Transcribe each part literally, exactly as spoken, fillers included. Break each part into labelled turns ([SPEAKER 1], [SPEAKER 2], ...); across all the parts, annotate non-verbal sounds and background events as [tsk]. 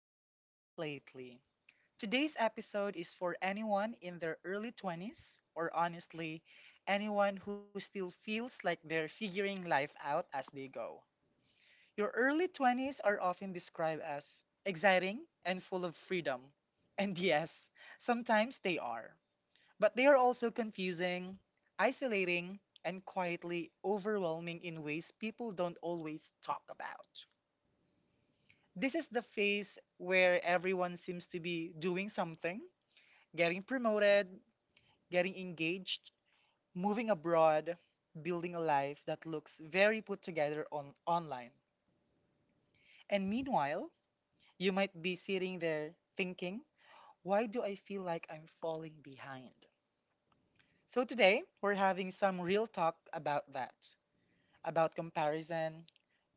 [SPEAKER 1] back to Life Lately. Today's episode is for anyone in their early twenties, or honestly, anyone who still feels like they're figuring life out as they go. Your early twenties are often described as exciting and full of freedom. And [laughs] yes, sometimes they are. But they are also confusing, isolating, and quietly overwhelming in ways people don't always talk about. This is the phase where everyone seems to be doing something: getting promoted, getting engaged, moving abroad, building a life that looks very put together on online. And meanwhile, you might be sitting there thinking, why do I feel like I'm falling behind? So today, we're having some real talk about that, about comparison,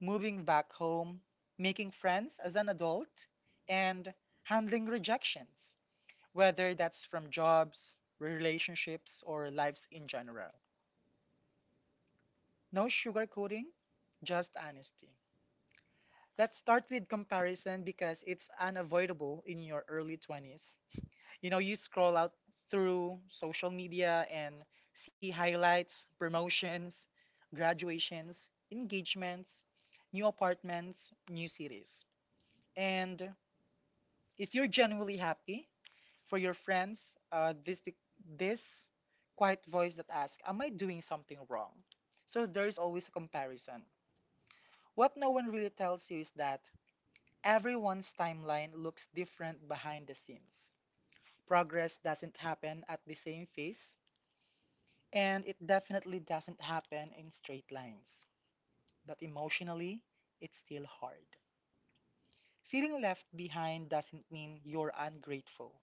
[SPEAKER 1] moving back home, making friends as an adult, and handling rejections, whether that's from jobs, relationships, or lives in general. No sugarcoating, just honesty. Let's start with comparison because it's unavoidable in your early twenties. You know, you scroll out through social media and see highlights, promotions, graduations, engagements, new apartments, new cities. And if you're genuinely happy for your friends, uh, this this quiet voice that asks, "Am I doing something wrong?" So there's always a comparison. What no one really tells you is that everyone's timeline looks different behind the scenes. Progress doesn't happen at the same pace, and it definitely doesn't happen in straight lines. But emotionally, it's still hard. Feeling left behind doesn't mean you're ungrateful.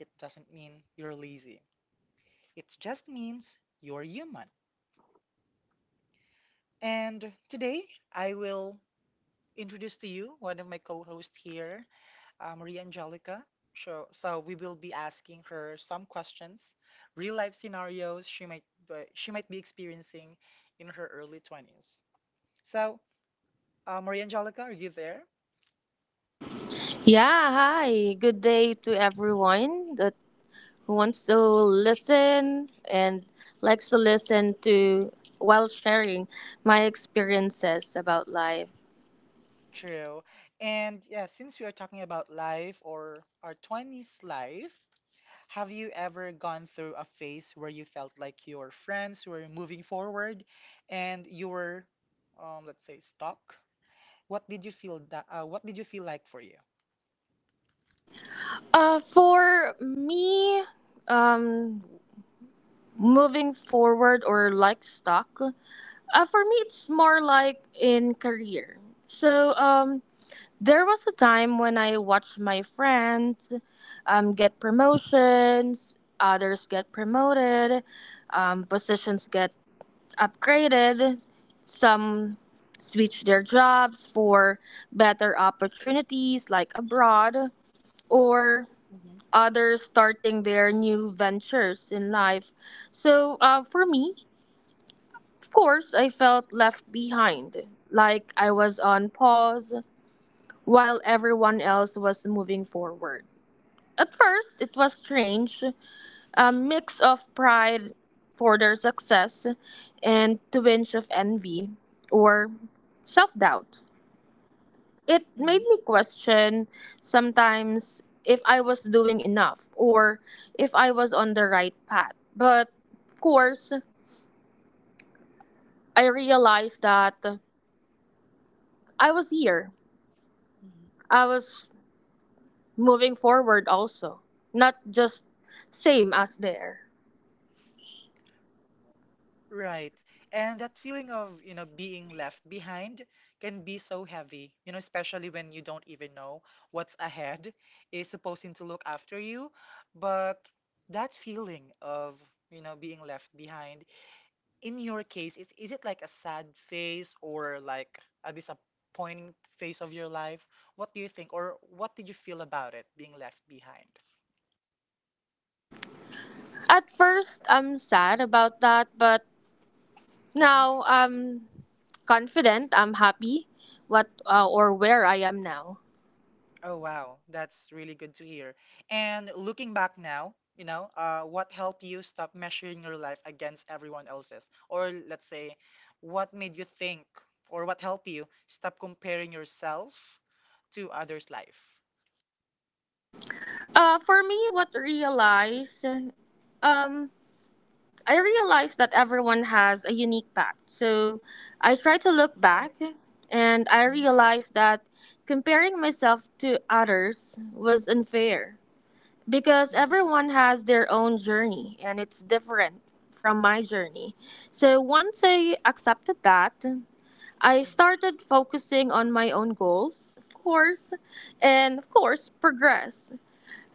[SPEAKER 1] It doesn't mean you're lazy. It just means you're human. And today I will introduce to you one of my co-hosts here, uh, Maria Angelica. So, so we will be asking her some questions, real life scenarios she might be- she might be experiencing in her early twenties. So, uh, Maria Angelica, are you there?
[SPEAKER 2] Yeah, hi. Good day to everyone that who wants to listen and likes to listen to while sharing my experiences about life.
[SPEAKER 1] True. And yeah, since we are talking about life or our twenties life, have you ever gone through a phase where you felt like your friends were moving forward and you were, um, let's say, stuck? What did you feel that, uh, what did you feel like for you?
[SPEAKER 2] Uh, for me, um, moving forward or like stock, uh, for me it's more like in career. So um, There was a time when I watched my friends um, get promotions, others get promoted, um, positions get upgraded, some switch their jobs for better opportunities like abroad, or
[SPEAKER 1] Mm-hmm.
[SPEAKER 2] others starting their new ventures in life. So uh, for me, of course, I felt left behind, like I was on pause while everyone else was moving forward. At first, it was strange, a mix of pride for their success and a twinge of envy or self doubt. It made
[SPEAKER 1] Mm-hmm.
[SPEAKER 2] me question sometimes if I was doing enough or if I was on the right path. But of course, I realized that I was here.
[SPEAKER 1] Mm-hmm.
[SPEAKER 2] I was moving forward also, not just same as there.
[SPEAKER 1] Right. And that feeling of, you know, being left behind can be so heavy, you know, especially when you don't even know what's ahead is supposing to look after you. But that feeling of, you know, being left behind in your case, is, is it like a sad phase or like a disappointing phase of your life? What do you think, or what did you feel about it being left behind?
[SPEAKER 2] At first, I'm sad about that, but
[SPEAKER 1] Hmm.
[SPEAKER 2] now I'm confident. I'm happy what uh,
[SPEAKER 1] Mhm.
[SPEAKER 2] or where I am now.
[SPEAKER 1] Oh, wow. That's really good to hear. And looking back now, you know, uh, what helped you stop measuring your life against everyone else's? Or let's say, what made you think, or what helped you stop comparing yourself to others' life?
[SPEAKER 2] Uh, for me, what realize, um, I realized that everyone has a unique path. So I try to look
[SPEAKER 1] Right.
[SPEAKER 2] back, and I
[SPEAKER 1] Mhm.
[SPEAKER 2] realized that comparing myself to others was unfair. Because
[SPEAKER 1] Mhm.
[SPEAKER 2] everyone has their own journey and it's different from my journey. So once I accepted that, I started focusing on my own goals, of course, and of course, progress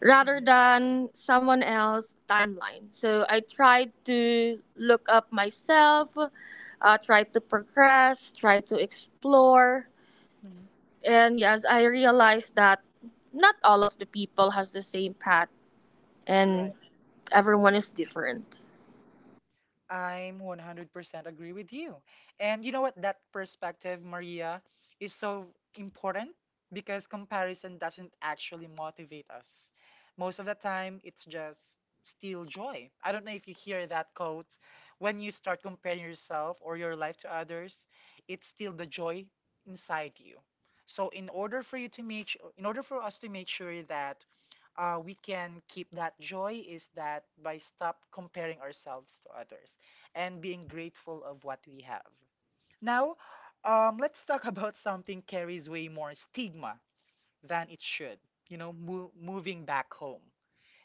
[SPEAKER 2] rather
[SPEAKER 1] Hmm.
[SPEAKER 2] than someone else's timeline. So I tried to look up myself, uh, try to progress, try to explore,
[SPEAKER 1] Mm-hmm.
[SPEAKER 2] and yes, I realized that not all of the people has the same path and everyone is different.
[SPEAKER 1] I'm one hundred percent agree with you. And you know what? That perspective, Maria, is so important because comparison doesn't actually motivate us. Most of the time, it's just steal joy. I don't know if you hear that quote. When you start comparing yourself or your life to others, it's still the joy inside you. So in order for you to make, su- in order for us to make sure that uh, we can keep that joy is that by stop comparing ourselves to others and being grateful of what we have. Now, um, let's talk [laughs] about something carries way more stigma than it should. You know, mo- moving back home.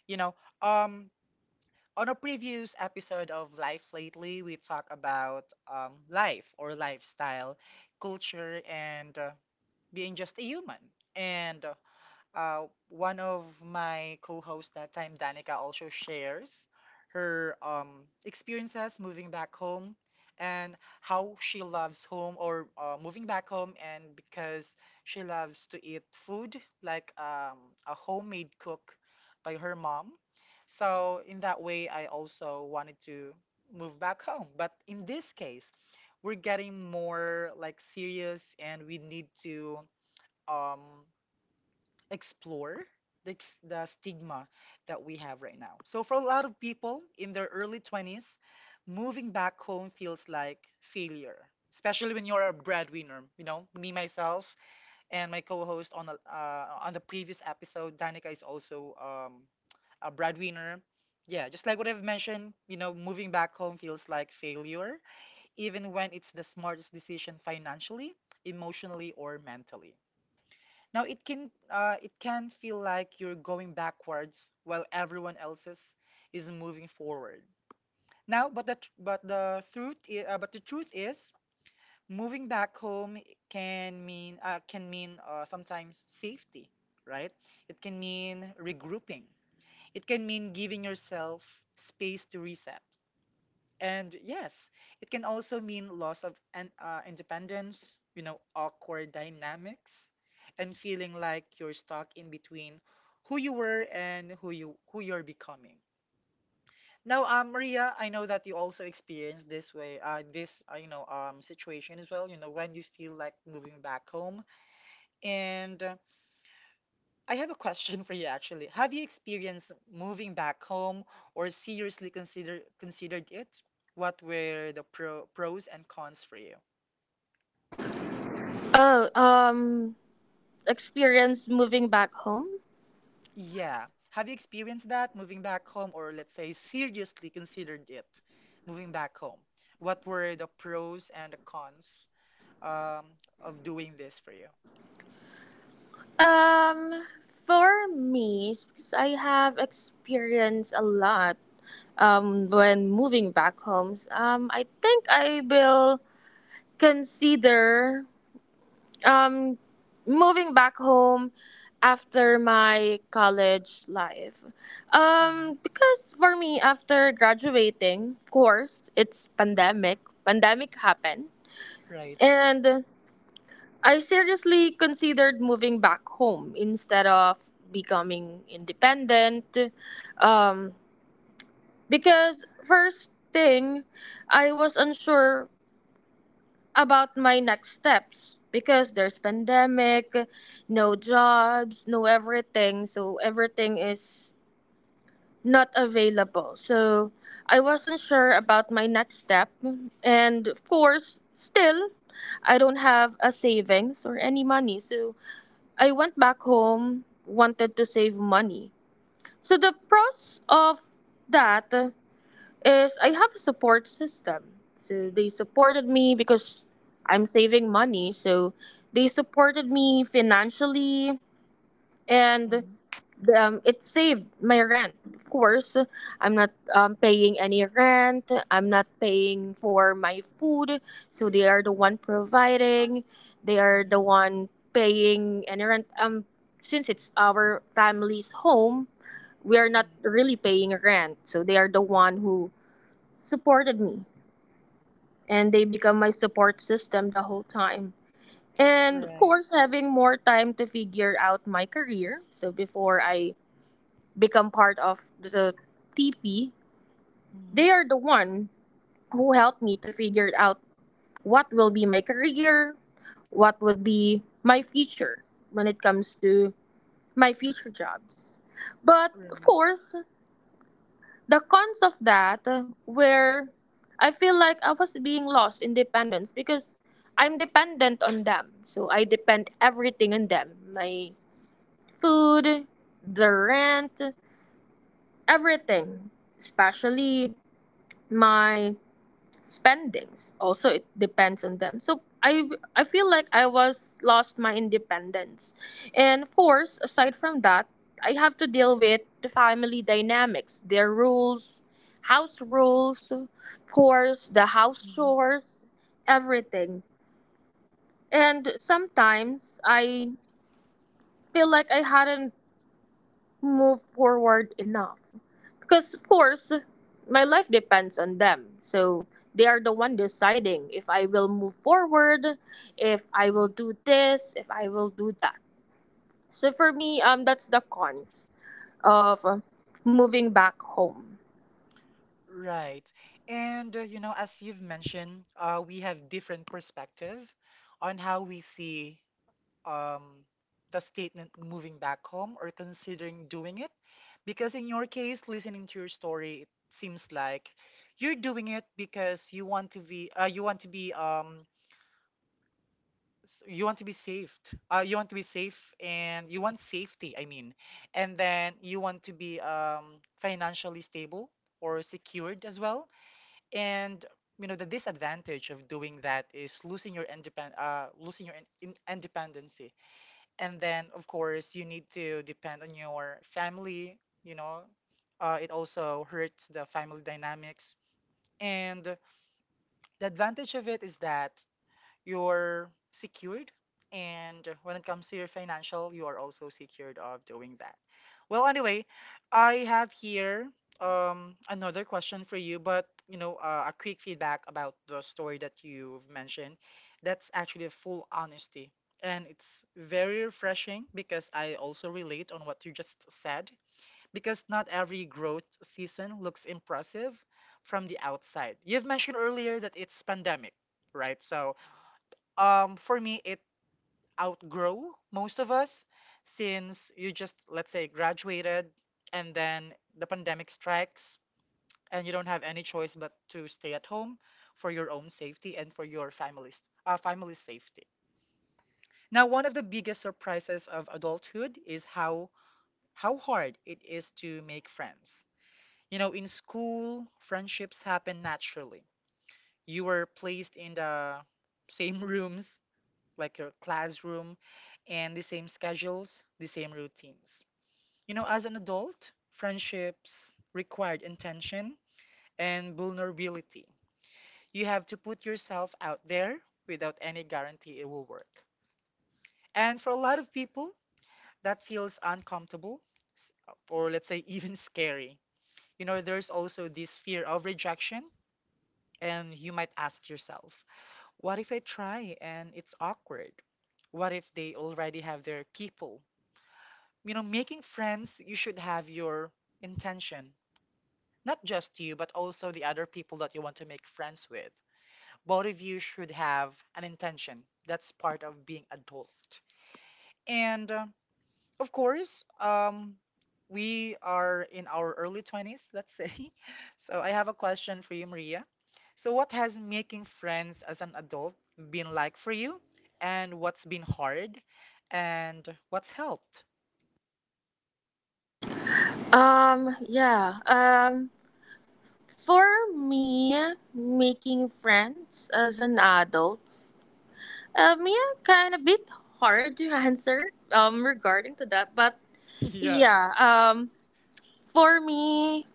[SPEAKER 1] You know, um, on a previous episode of Life Lately, we talk about um, life or lifestyle, culture, and uh, being just a human. And uh, uh, one of my co-hosts that time, Danica, also shares her um, experiences moving back home and how she loves home or uh, moving back home and because she loves to eat food like um, a homemade cook by her mom. So in that way, I also wanted to move back home. But in this case, we're getting more like serious and we need to um explore the, ex- the stigma that we have right now. So, for a lot of people in their early twenties, moving back home feels like failure, especially when you're a breadwinner. You know, me, myself, and my co host on, the- uh, on the previous episode, Danica, is also um, a breadwinner. Yeah, just like what I've mentioned, you know, moving back home feels like failure, even when it's the smartest decision financially, emotionally, or mentally. Now it can uh, it can feel like you're going backwards while everyone else's is moving forward. Now, but the tr- but the truth I- uh, but the truth is, moving back home can mean uh, can mean uh, sometimes safety, right? It can mean regrouping. It can mean giving yourself space to reset. And yes, it can also mean loss of an, uh, independence, you know, awkward dynamics, and feeling like you're stuck in between who you were and who you who you're becoming. Now, um, Maria, I know that you also experienced this way, uh, this uh, you know um situation as well. You know, when you feel like moving back home, and I have a question [laughs] for you actually. Have you experienced moving back home or seriously consider considered it? What were the pro, pros and cons for you?
[SPEAKER 2] Oh, um, experience moving back home?
[SPEAKER 1] Yeah. Have you experienced that moving back home or let's say seriously considered it moving back home? What were the pros and the cons um, of doing this for you?
[SPEAKER 2] Um, for me, because I have experienced a lot um, when moving back home, um, I think I will consider um, moving back home after my college life.
[SPEAKER 1] Mhm.
[SPEAKER 2] Um, because for me, after graduating, of course, it's pandemic. Pandemic happened.
[SPEAKER 1] Right.
[SPEAKER 2] And I seriously considered moving back home instead of becoming independent. Um, because, first thing, I was unsure about my next steps because there's pandemic, no jobs, no everything, so everything is not available, so I wasn't sure about my next step, and of course still I don't have a savings or any money, so I went back home, wanted to save money. So the pros of that is I have a support system. So they supported me because I'm saving money. So they supported me financially, and
[SPEAKER 1] Mm-hmm.
[SPEAKER 2] the, um, it saved my rent. Of course, I'm not um, paying any rent. I'm not paying for my food. So they are the one providing. They are
[SPEAKER 1] Mm-hmm.
[SPEAKER 2] the one paying any rent. Um, since it's our family's home, we are not really paying rent. So they are the one who supported me, and they become my support system the whole time. And of
[SPEAKER 1] Right.
[SPEAKER 2] course, having more time to figure out my career. So before I become part of the T P,
[SPEAKER 1] Mm-hmm.
[SPEAKER 2] they are the one who helped me to figure out what will be my career, what would be my future when it comes to my future jobs. But of
[SPEAKER 1] Right.
[SPEAKER 2] course, the cons of that uh, were I feel like I was being lost in dependence because I'm dependent on them. So I depend everything on them. My food, the rent, everything. Especially my spendings also it depends on them, so i i feel like I was lost my independence, and of course aside from that, I have to deal with the family dynamics, their rules, house rules, of course the house
[SPEAKER 1] Mm-hmm. Mm-hmm.
[SPEAKER 2] chores, everything. And sometimes I feel like I hadn't move forward enough, because of course my life depends on them, so they are the one deciding if I will move forward, if I will do this, if I will do that. So for me, um that's the cons of uh, moving back home.
[SPEAKER 1] Right. And, uh, you know, as you've mentioned, uh, we have different perspective on how we see um, the statement moving back home or considering doing it. Because in your case, listening to your story, it seems like you're doing it because you want to be, uh, you want to be, um, s- you want to be saved. Uh, you want to be safe and you want safety, I mean. And then you want to be um, financially stable or secured as well, and you know the disadvantage of doing that is losing your independ uh losing your in- in- independency, and then of course you need to depend on your family, you know. Uh, it also hurts the family dynamics, and the advantage of it is that you're secured, and when it comes to your financial you are also secured of doing that. Well anyway, I have here um another question for you, but you know, uh, a quick feedback about the story that you've mentioned: that's actually a full honesty, and it's very refreshing because I also relate on what you just said, because not every growth season looks impressive from the outside. You've mentioned earlier that it's pandemic, right? So um for me it outgrow most of us since you just let's say graduated, and then the pandemic strikes and you don't have any choice but to stay at home for your own safety and for your family's uh, family's safety. Now, one of the biggest surprises of adulthood is how how hard it is to make friends. You know, in school friendships happen naturally. You were placed in the same [laughs] rooms like your classroom, and the same schedules, the same routines. You know, as an adult, friendships required intention and vulnerability. You have to put yourself out there without any guarantee it will work. And for a lot of people, that feels uncomfortable, s- or let's say even scary. You know, there's also this fear of rejection, and you might ask yourself, what if I try and it's awkward? What if they already have their people? You know, making friends you should have your intention, not just you but also the other people that you want to make friends with. Both of you should have an intention. That's part of being adult. And uh, of course, um we are in our early twenties, let's say. [laughs] So I have a question for you, Maria. So what has making friends as an adult been like for you, and what's been hard, and what's helped?
[SPEAKER 2] um yeah um for me, making friends as an adult, um yeah, kind of bit hard to [laughs] answer um regarding to that. But
[SPEAKER 1] [laughs] Yeah.
[SPEAKER 2] yeah, um, for me,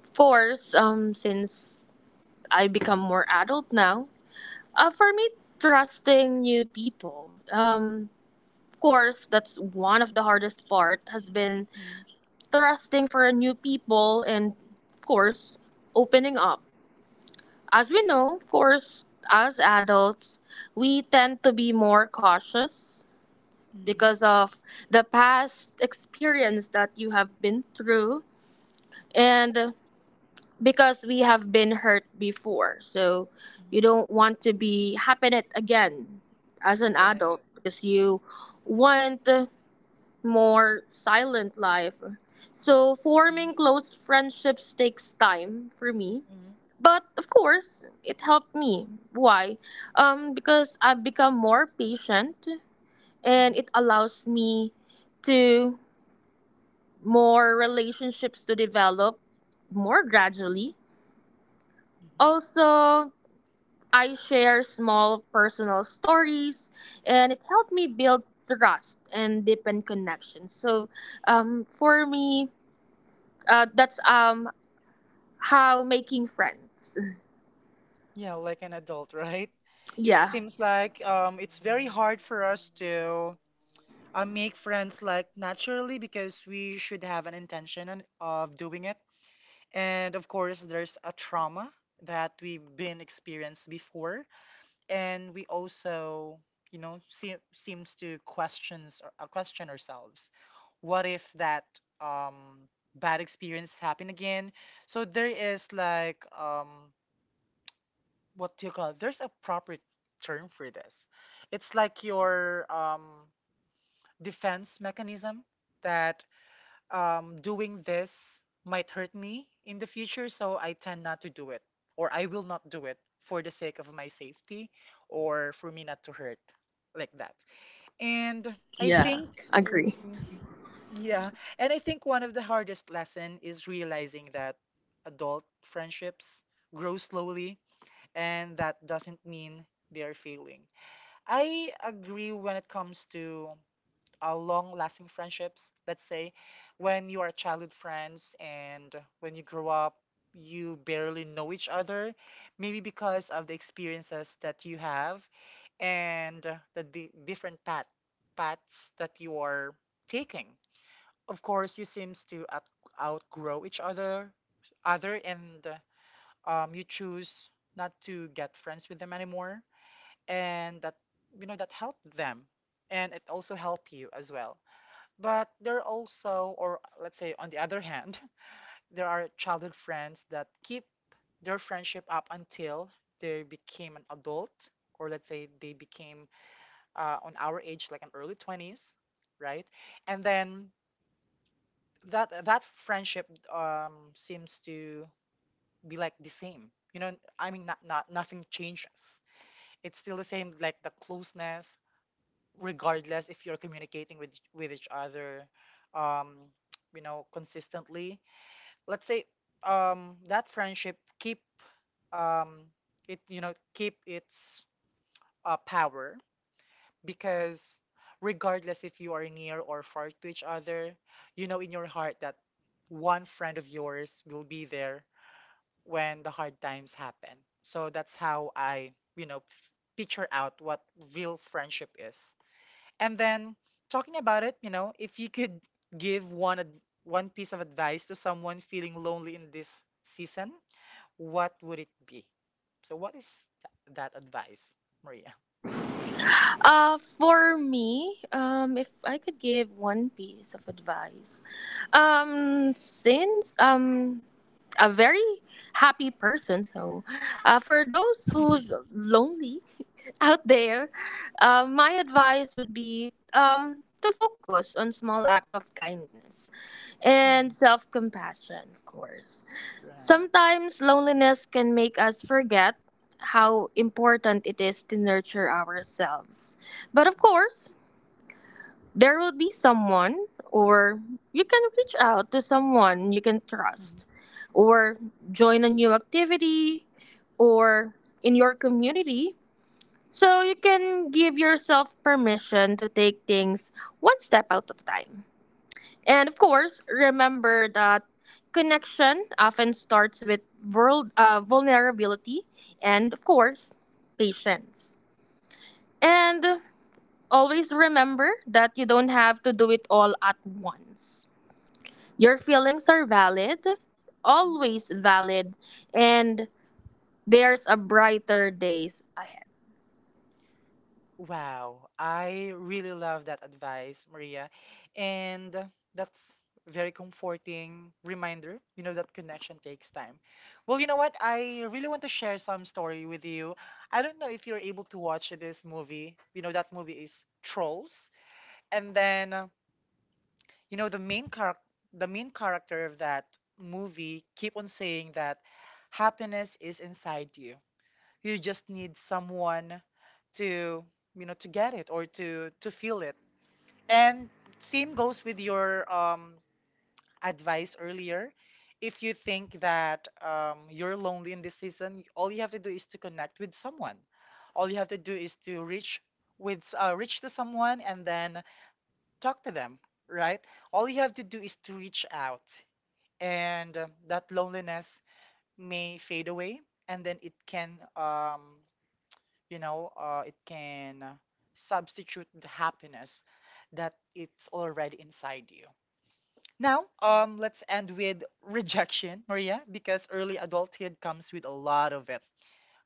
[SPEAKER 2] of course, um, since I become more adult now, uh, for me, trusting new people, um, of course, that's one of the hardest part has been trusting for new people and, of course, opening up. As we know, of course, as adults, we tend to be more cautious
[SPEAKER 1] Hmm.
[SPEAKER 2] because of the past experience that you have been through, and because we have been hurt before. So you don't want to be happen it again as an adult
[SPEAKER 1] Right.
[SPEAKER 2] because you want a more silent life. So
[SPEAKER 1] Mhm,
[SPEAKER 2] forming close friendships takes time for me.
[SPEAKER 1] mhm,
[SPEAKER 2] But of course, it helped me. Why? Um, because I've become more patient and
[SPEAKER 1] mhm,
[SPEAKER 2] it allows me to more relationships to develop more gradually.
[SPEAKER 1] mhm.
[SPEAKER 2] Also, I share small personal stories, and it helped me build trust and deepen connections. So, um, for me, uh, that's um how making friends. [laughs]
[SPEAKER 1] Yeah, like an adult, [laughs] right? It
[SPEAKER 2] Yeah,
[SPEAKER 1] seems like um, it's very hard for us to uh, make friends like naturally because we should have an intention and- of doing it. And of course, there's a trauma that we've been experienced before. And we also, you know, see, seems to questions uh, question ourselves, what if that um bad experience happen again? So there is like um what do you call it? There's a proper term for this. It's like your um defense mechanism that um, doing this might hurt me in the future, so I tend not to do it, or I will not do it for the sake of my safety or for me not to hurt like that. And I
[SPEAKER 2] yeah,
[SPEAKER 1] think, w-
[SPEAKER 2] agree.
[SPEAKER 1] mhm. Yeah, and I think one of the hardest lesson is realizing that adult friendships grow slowly, and that doesn't mean they are failing. I agree when it comes to uh, long lasting friendships. Let's say when you are childhood friends and when you grow up, you barely know each other, maybe because of the experiences that you have and uh, the di- different path paths that you are taking. Of course, you seems to out- outgrow each other, other, and uh, um, you choose not to get friends with them anymore, and that you know that helped them, and it also helped you as well, but there are also, or let's say on the other hand, [laughs] there are childhood friends that keep their friendship up until they became an adult, or let's say they became uh, on our age, like an early twenties, right? And then that that friendship um, seems to be like the same. You know, I mean, not, not nothing changes. It's still the same, like the closeness, regardless if you're communicating with with each other um [tsk] you know consistently. Let's say um that friendship keep, um it you know keep its uh, power, because regardless if you are near or far to each other, you know in your heart that one friend of yours will be there when the hard times happen. So that's how i you know f- picture out what real friendship is. And then, talking about it, you know, if you could give one ad- one piece of advice to someone feeling lonely in this season, what would it be? So what is th- that advice, Maria? [laughs]
[SPEAKER 2] Uh, for me, um, if I could give one piece of advice, um, since um a very happy person. So, uh, for those who's lonely [laughs] out there, uh, my advice would be um, to focus on small act of kindness and
[SPEAKER 1] Mhm.
[SPEAKER 2] self compassion, of course.
[SPEAKER 1] Right.
[SPEAKER 2] Sometimes loneliness can make us forget how important it is to nurture ourselves. But of course, there will be someone, or you can reach out to someone you can
[SPEAKER 1] Mhm.
[SPEAKER 2] trust, or join a new activity, or in your community. So you can give yourself permission to take things one step at a time. And of course, remember that connection often starts with world, uh, vulnerability and, of course, patience. And always remember that you don't have to do it all at once. Your feelings are valid, always valid, and there's a brighter days ahead.
[SPEAKER 1] Wow, I really love that advice, Maria. And that's very comforting reminder, you know, that connection takes time. Well, you know what? I really want to share some story with you. I don't know if you're able to watch this movie. You know, that movie is Trolls. And then, uh, you know, the main char- the main character of that movie keep on saying that happiness is inside you. You just need someone to, you know to get it or to to feel it. And same goes with your um advice earlier. If you think that um, you're lonely in this season, all you have to do is to connect with someone. All you have to do is to reach with, uh, reach to someone and then talk to them, right? All you have to do is to reach out, and uh, that loneliness may fade away. And then it can, um, you know uh, it can substitute the happiness that it's already inside you. Now, um let's end with rejection, Maria, because early adulthood comes with a lot of it.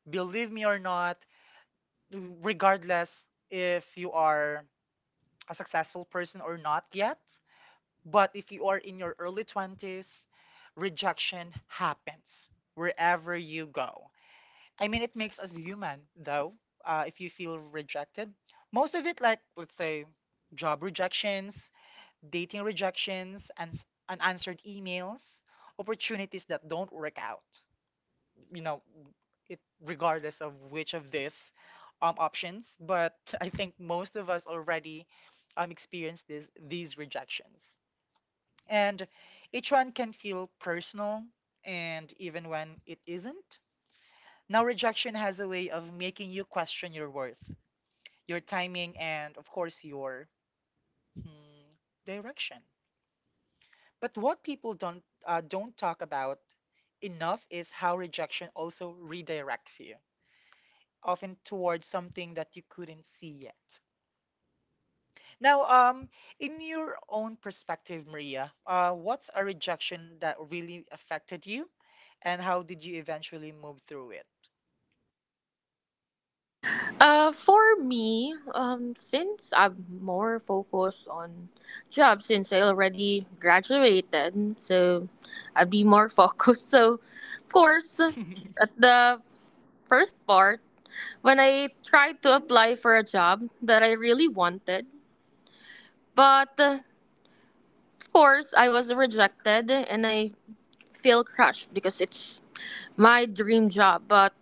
[SPEAKER 1] Believe me or not, regardless if you are a successful person or not yet, but if you are in your early twenties, rejection happens wherever you go. I mean, it makes us human, though. Uh, if you feel rejected, most of it, like let's say, job rejections, dating rejections, and s- unanswered emails, opportunities that don't work out. You know, it, regardless of which of these um, options. But [laughs] I think most of us already um, experienced this, these rejections, and each one can feel personal, and even when it isn't. Now, rejection has a way of making you question your worth, your timing, and of course, your, hmm, direction. But what people don't uh, don't talk about enough is how rejection also redirects you, often towards something that you couldn't see yet. Now, um, in your own perspective, Maria, uh, what's a rejection that really affected you, and how did you eventually move through it?
[SPEAKER 2] Uh, for me, um, since I'm more focused on job since I already graduated, so I'd be more [laughs] focused. So, of course, at
[SPEAKER 1] [laughs]
[SPEAKER 2] the first part, when I tried to apply for a job that I really wanted, but uh, of course, I was rejected and I feel crushed because it's my dream job, but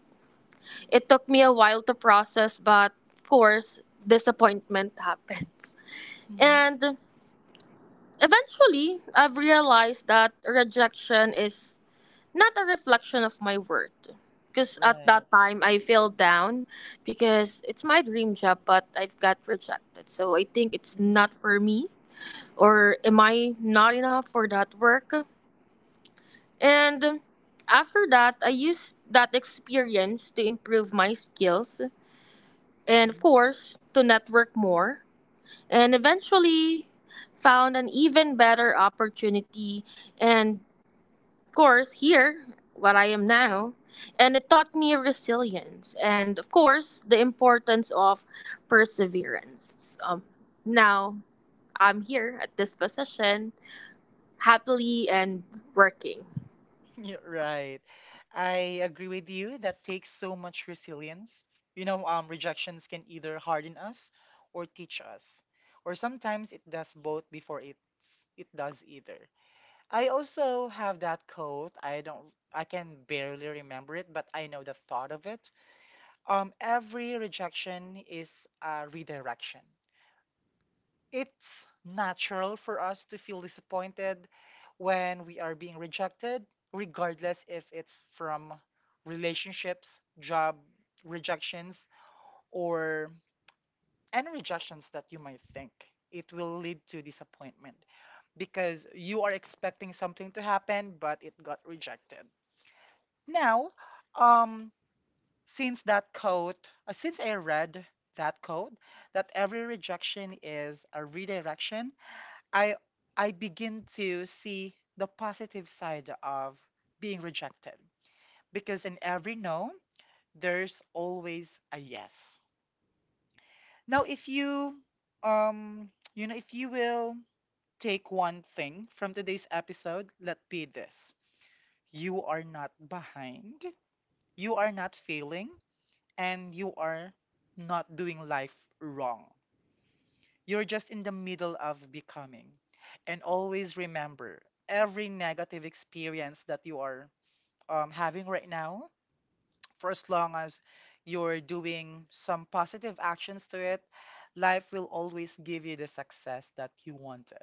[SPEAKER 2] it took me a while to process, but of course, disappointment [laughs] happens.
[SPEAKER 1] Mhm.
[SPEAKER 2] And eventually, I've realized that rejection is not a reflection of my worth. Because at
[SPEAKER 1] Right.
[SPEAKER 2] that time, I fell down because it's my dream job, but I've got rejected. So I think it's
[SPEAKER 1] Mhm.
[SPEAKER 2] not for me, or am I not enough for that work? And um, after that, I used that experience to improve my skills and, of
[SPEAKER 1] Mhm.
[SPEAKER 2] course, to network more. And eventually found an even better opportunity. And, of course, here, what I am now. And it taught me resilience and, of course, the importance of perseverance. Um, now I'm here at this position, happily and working.
[SPEAKER 1] [laughs] Yeah, right. I agree with you. That takes so much resilience. You know, um, rejections can either harden us or teach us, or sometimes it does both before it's it does either. I also have that quote. I don't. I can barely remember it, but I know the thought of it. Um, every rejection is a redirection. It's natural for us to feel disappointed when we are being rejected, regardless if it's from relationships, job rejections, or any rejections that you might think. It will lead to disappointment because you are expecting something to happen, but it got rejected. Now, um, since that code, uh, since I read that code, that every rejection is a redirection, I I begin to see the positive side of being rejected, because in every no, there's always a yes. Now, if you, um you know if you will take one thing from today's episode, let be this: you are not behind, you are not failing, and you are not doing life wrong. You're just in the middle of becoming. And always remember every negative experience that you are um, having right now, for as long as you're doing some positive actions to it, life will always give you the success that you wanted.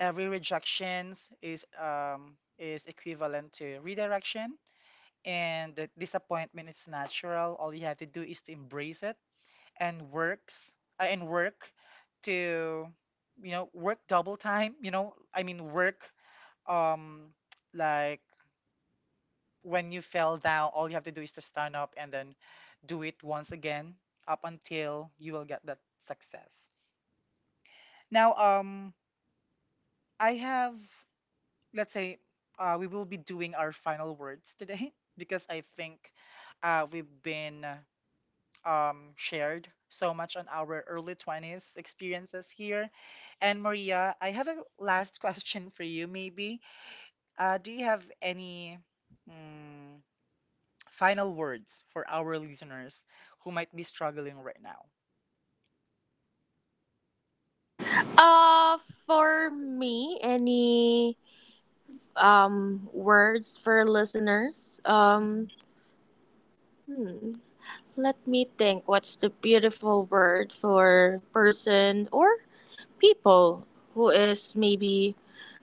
[SPEAKER 1] Every rejections is um, is equivalent to redirection, and the disappointment is natural. All you have to do is to embrace it and works uh, and work to, you know, work double time. You know, I mean, work, um like, when you fell down all you have to do is to stand up and then do it once again, up until you will get that success. Now, um I have, let's say, uh, we will be doing our final words today [laughs] because I think, uh, we've been um, shared so much on our early twenties experiences here. And Maria, I have a last [laughs] question for you, maybe. Uh, do you have any, mm, final words for our listeners who might be struggling right now?
[SPEAKER 2] Uh, for me, any um words for listeners? Um,
[SPEAKER 1] Mhm.
[SPEAKER 2] hmm, let me think. What's the beautiful word for person or people who is maybe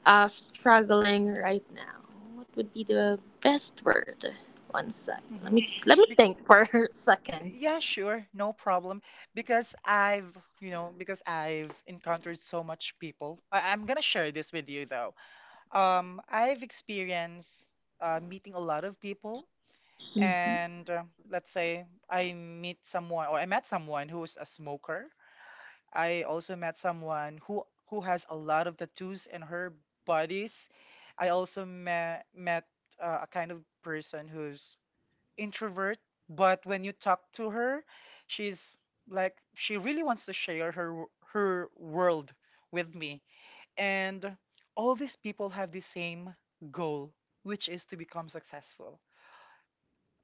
[SPEAKER 2] uh struggling right now? What would be the best word? One sec.
[SPEAKER 1] Mm-hmm.
[SPEAKER 2] Let me let me
[SPEAKER 1] Be-
[SPEAKER 2] think for [laughs] a second.
[SPEAKER 1] yeah, sure, no problem. Because I've, you know, because I've encountered so much people. I- I'm gonna share this with you though. Um, I've experienced uh, meeting a lot of people and uh, let's say I meet someone or I met someone who's a smoker. I also met someone who who has a lot of tattoos in her bodies. I also met met uh, a kind of person who's introvert, but when you talk to her, she's like, she really wants to share her w- her world with me. And all these people have the same goal, which is to become successful.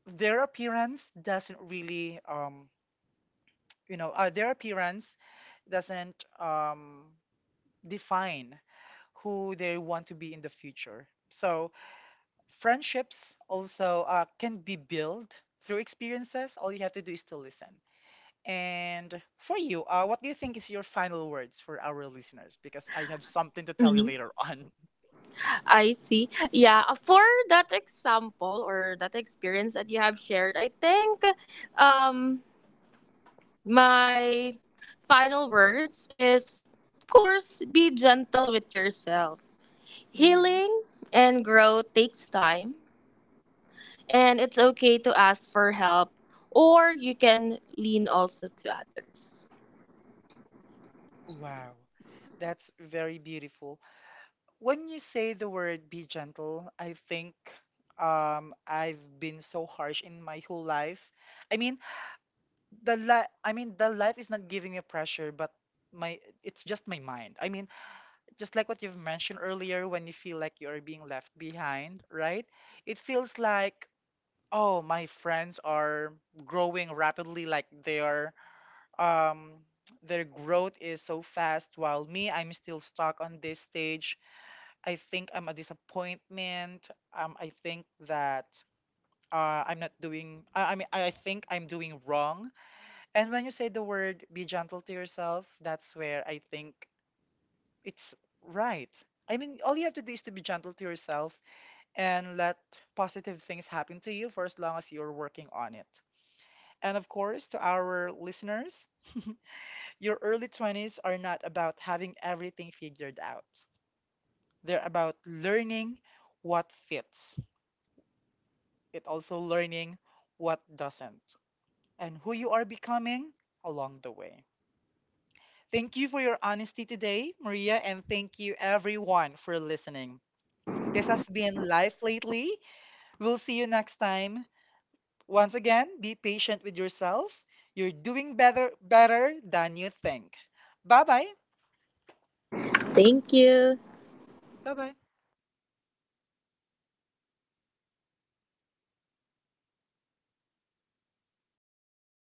[SPEAKER 1] Their appearance doesn't really, um you know uh, their appearance doesn't um define who they want to be in the future. So friendships also, uh, can be built through experiences. All you have to do is to listen. And for you, uh, what do you think is your final words for our listeners, because I have something to tell you later on?
[SPEAKER 2] I see. Yeah, uh, for that example or that experience that you have shared, I think um my final words is of course be gentle with yourself.
[SPEAKER 1] [laughs] Hmm.
[SPEAKER 2] Healing and growth takes time and it's okay to ask for help or you can lean also to others.
[SPEAKER 1] Wow, that's very beautiful. When you say the word be gentle, I think, um I've been so harsh in my whole life. I mean, the li- I mean the life is not giving me pressure, but my, it's just my mind. I mean, just like what you've mentioned earlier, when you feel like you're being left behind, right? It feels like, oh, my friends are growing rapidly, like they are, um their growth is so fast while me, I'm still stuck on this stage. I think I'm a disappointment. Um, I think that, uh, I'm not doing. I, I mean, I think I'm doing wrong. And when you say the word "be gentle to yourself," that's where I think it's right. I mean, all you have to do is to be gentle to yourself and let positive things happen to you for as long as you're working on it. And of course, to our listeners, your early twenties are not about having everything figured out. They're about learning what fits. It also learning what doesn't, and who you are becoming along the way. Thank you for your honesty today, Maria, and thank you everyone for listening. This has been Life Lately. We'll see you next time. Once again, be patient with yourself. You're doing better better than you think. Bye-bye.
[SPEAKER 2] Thank you.
[SPEAKER 1] Bye-bye.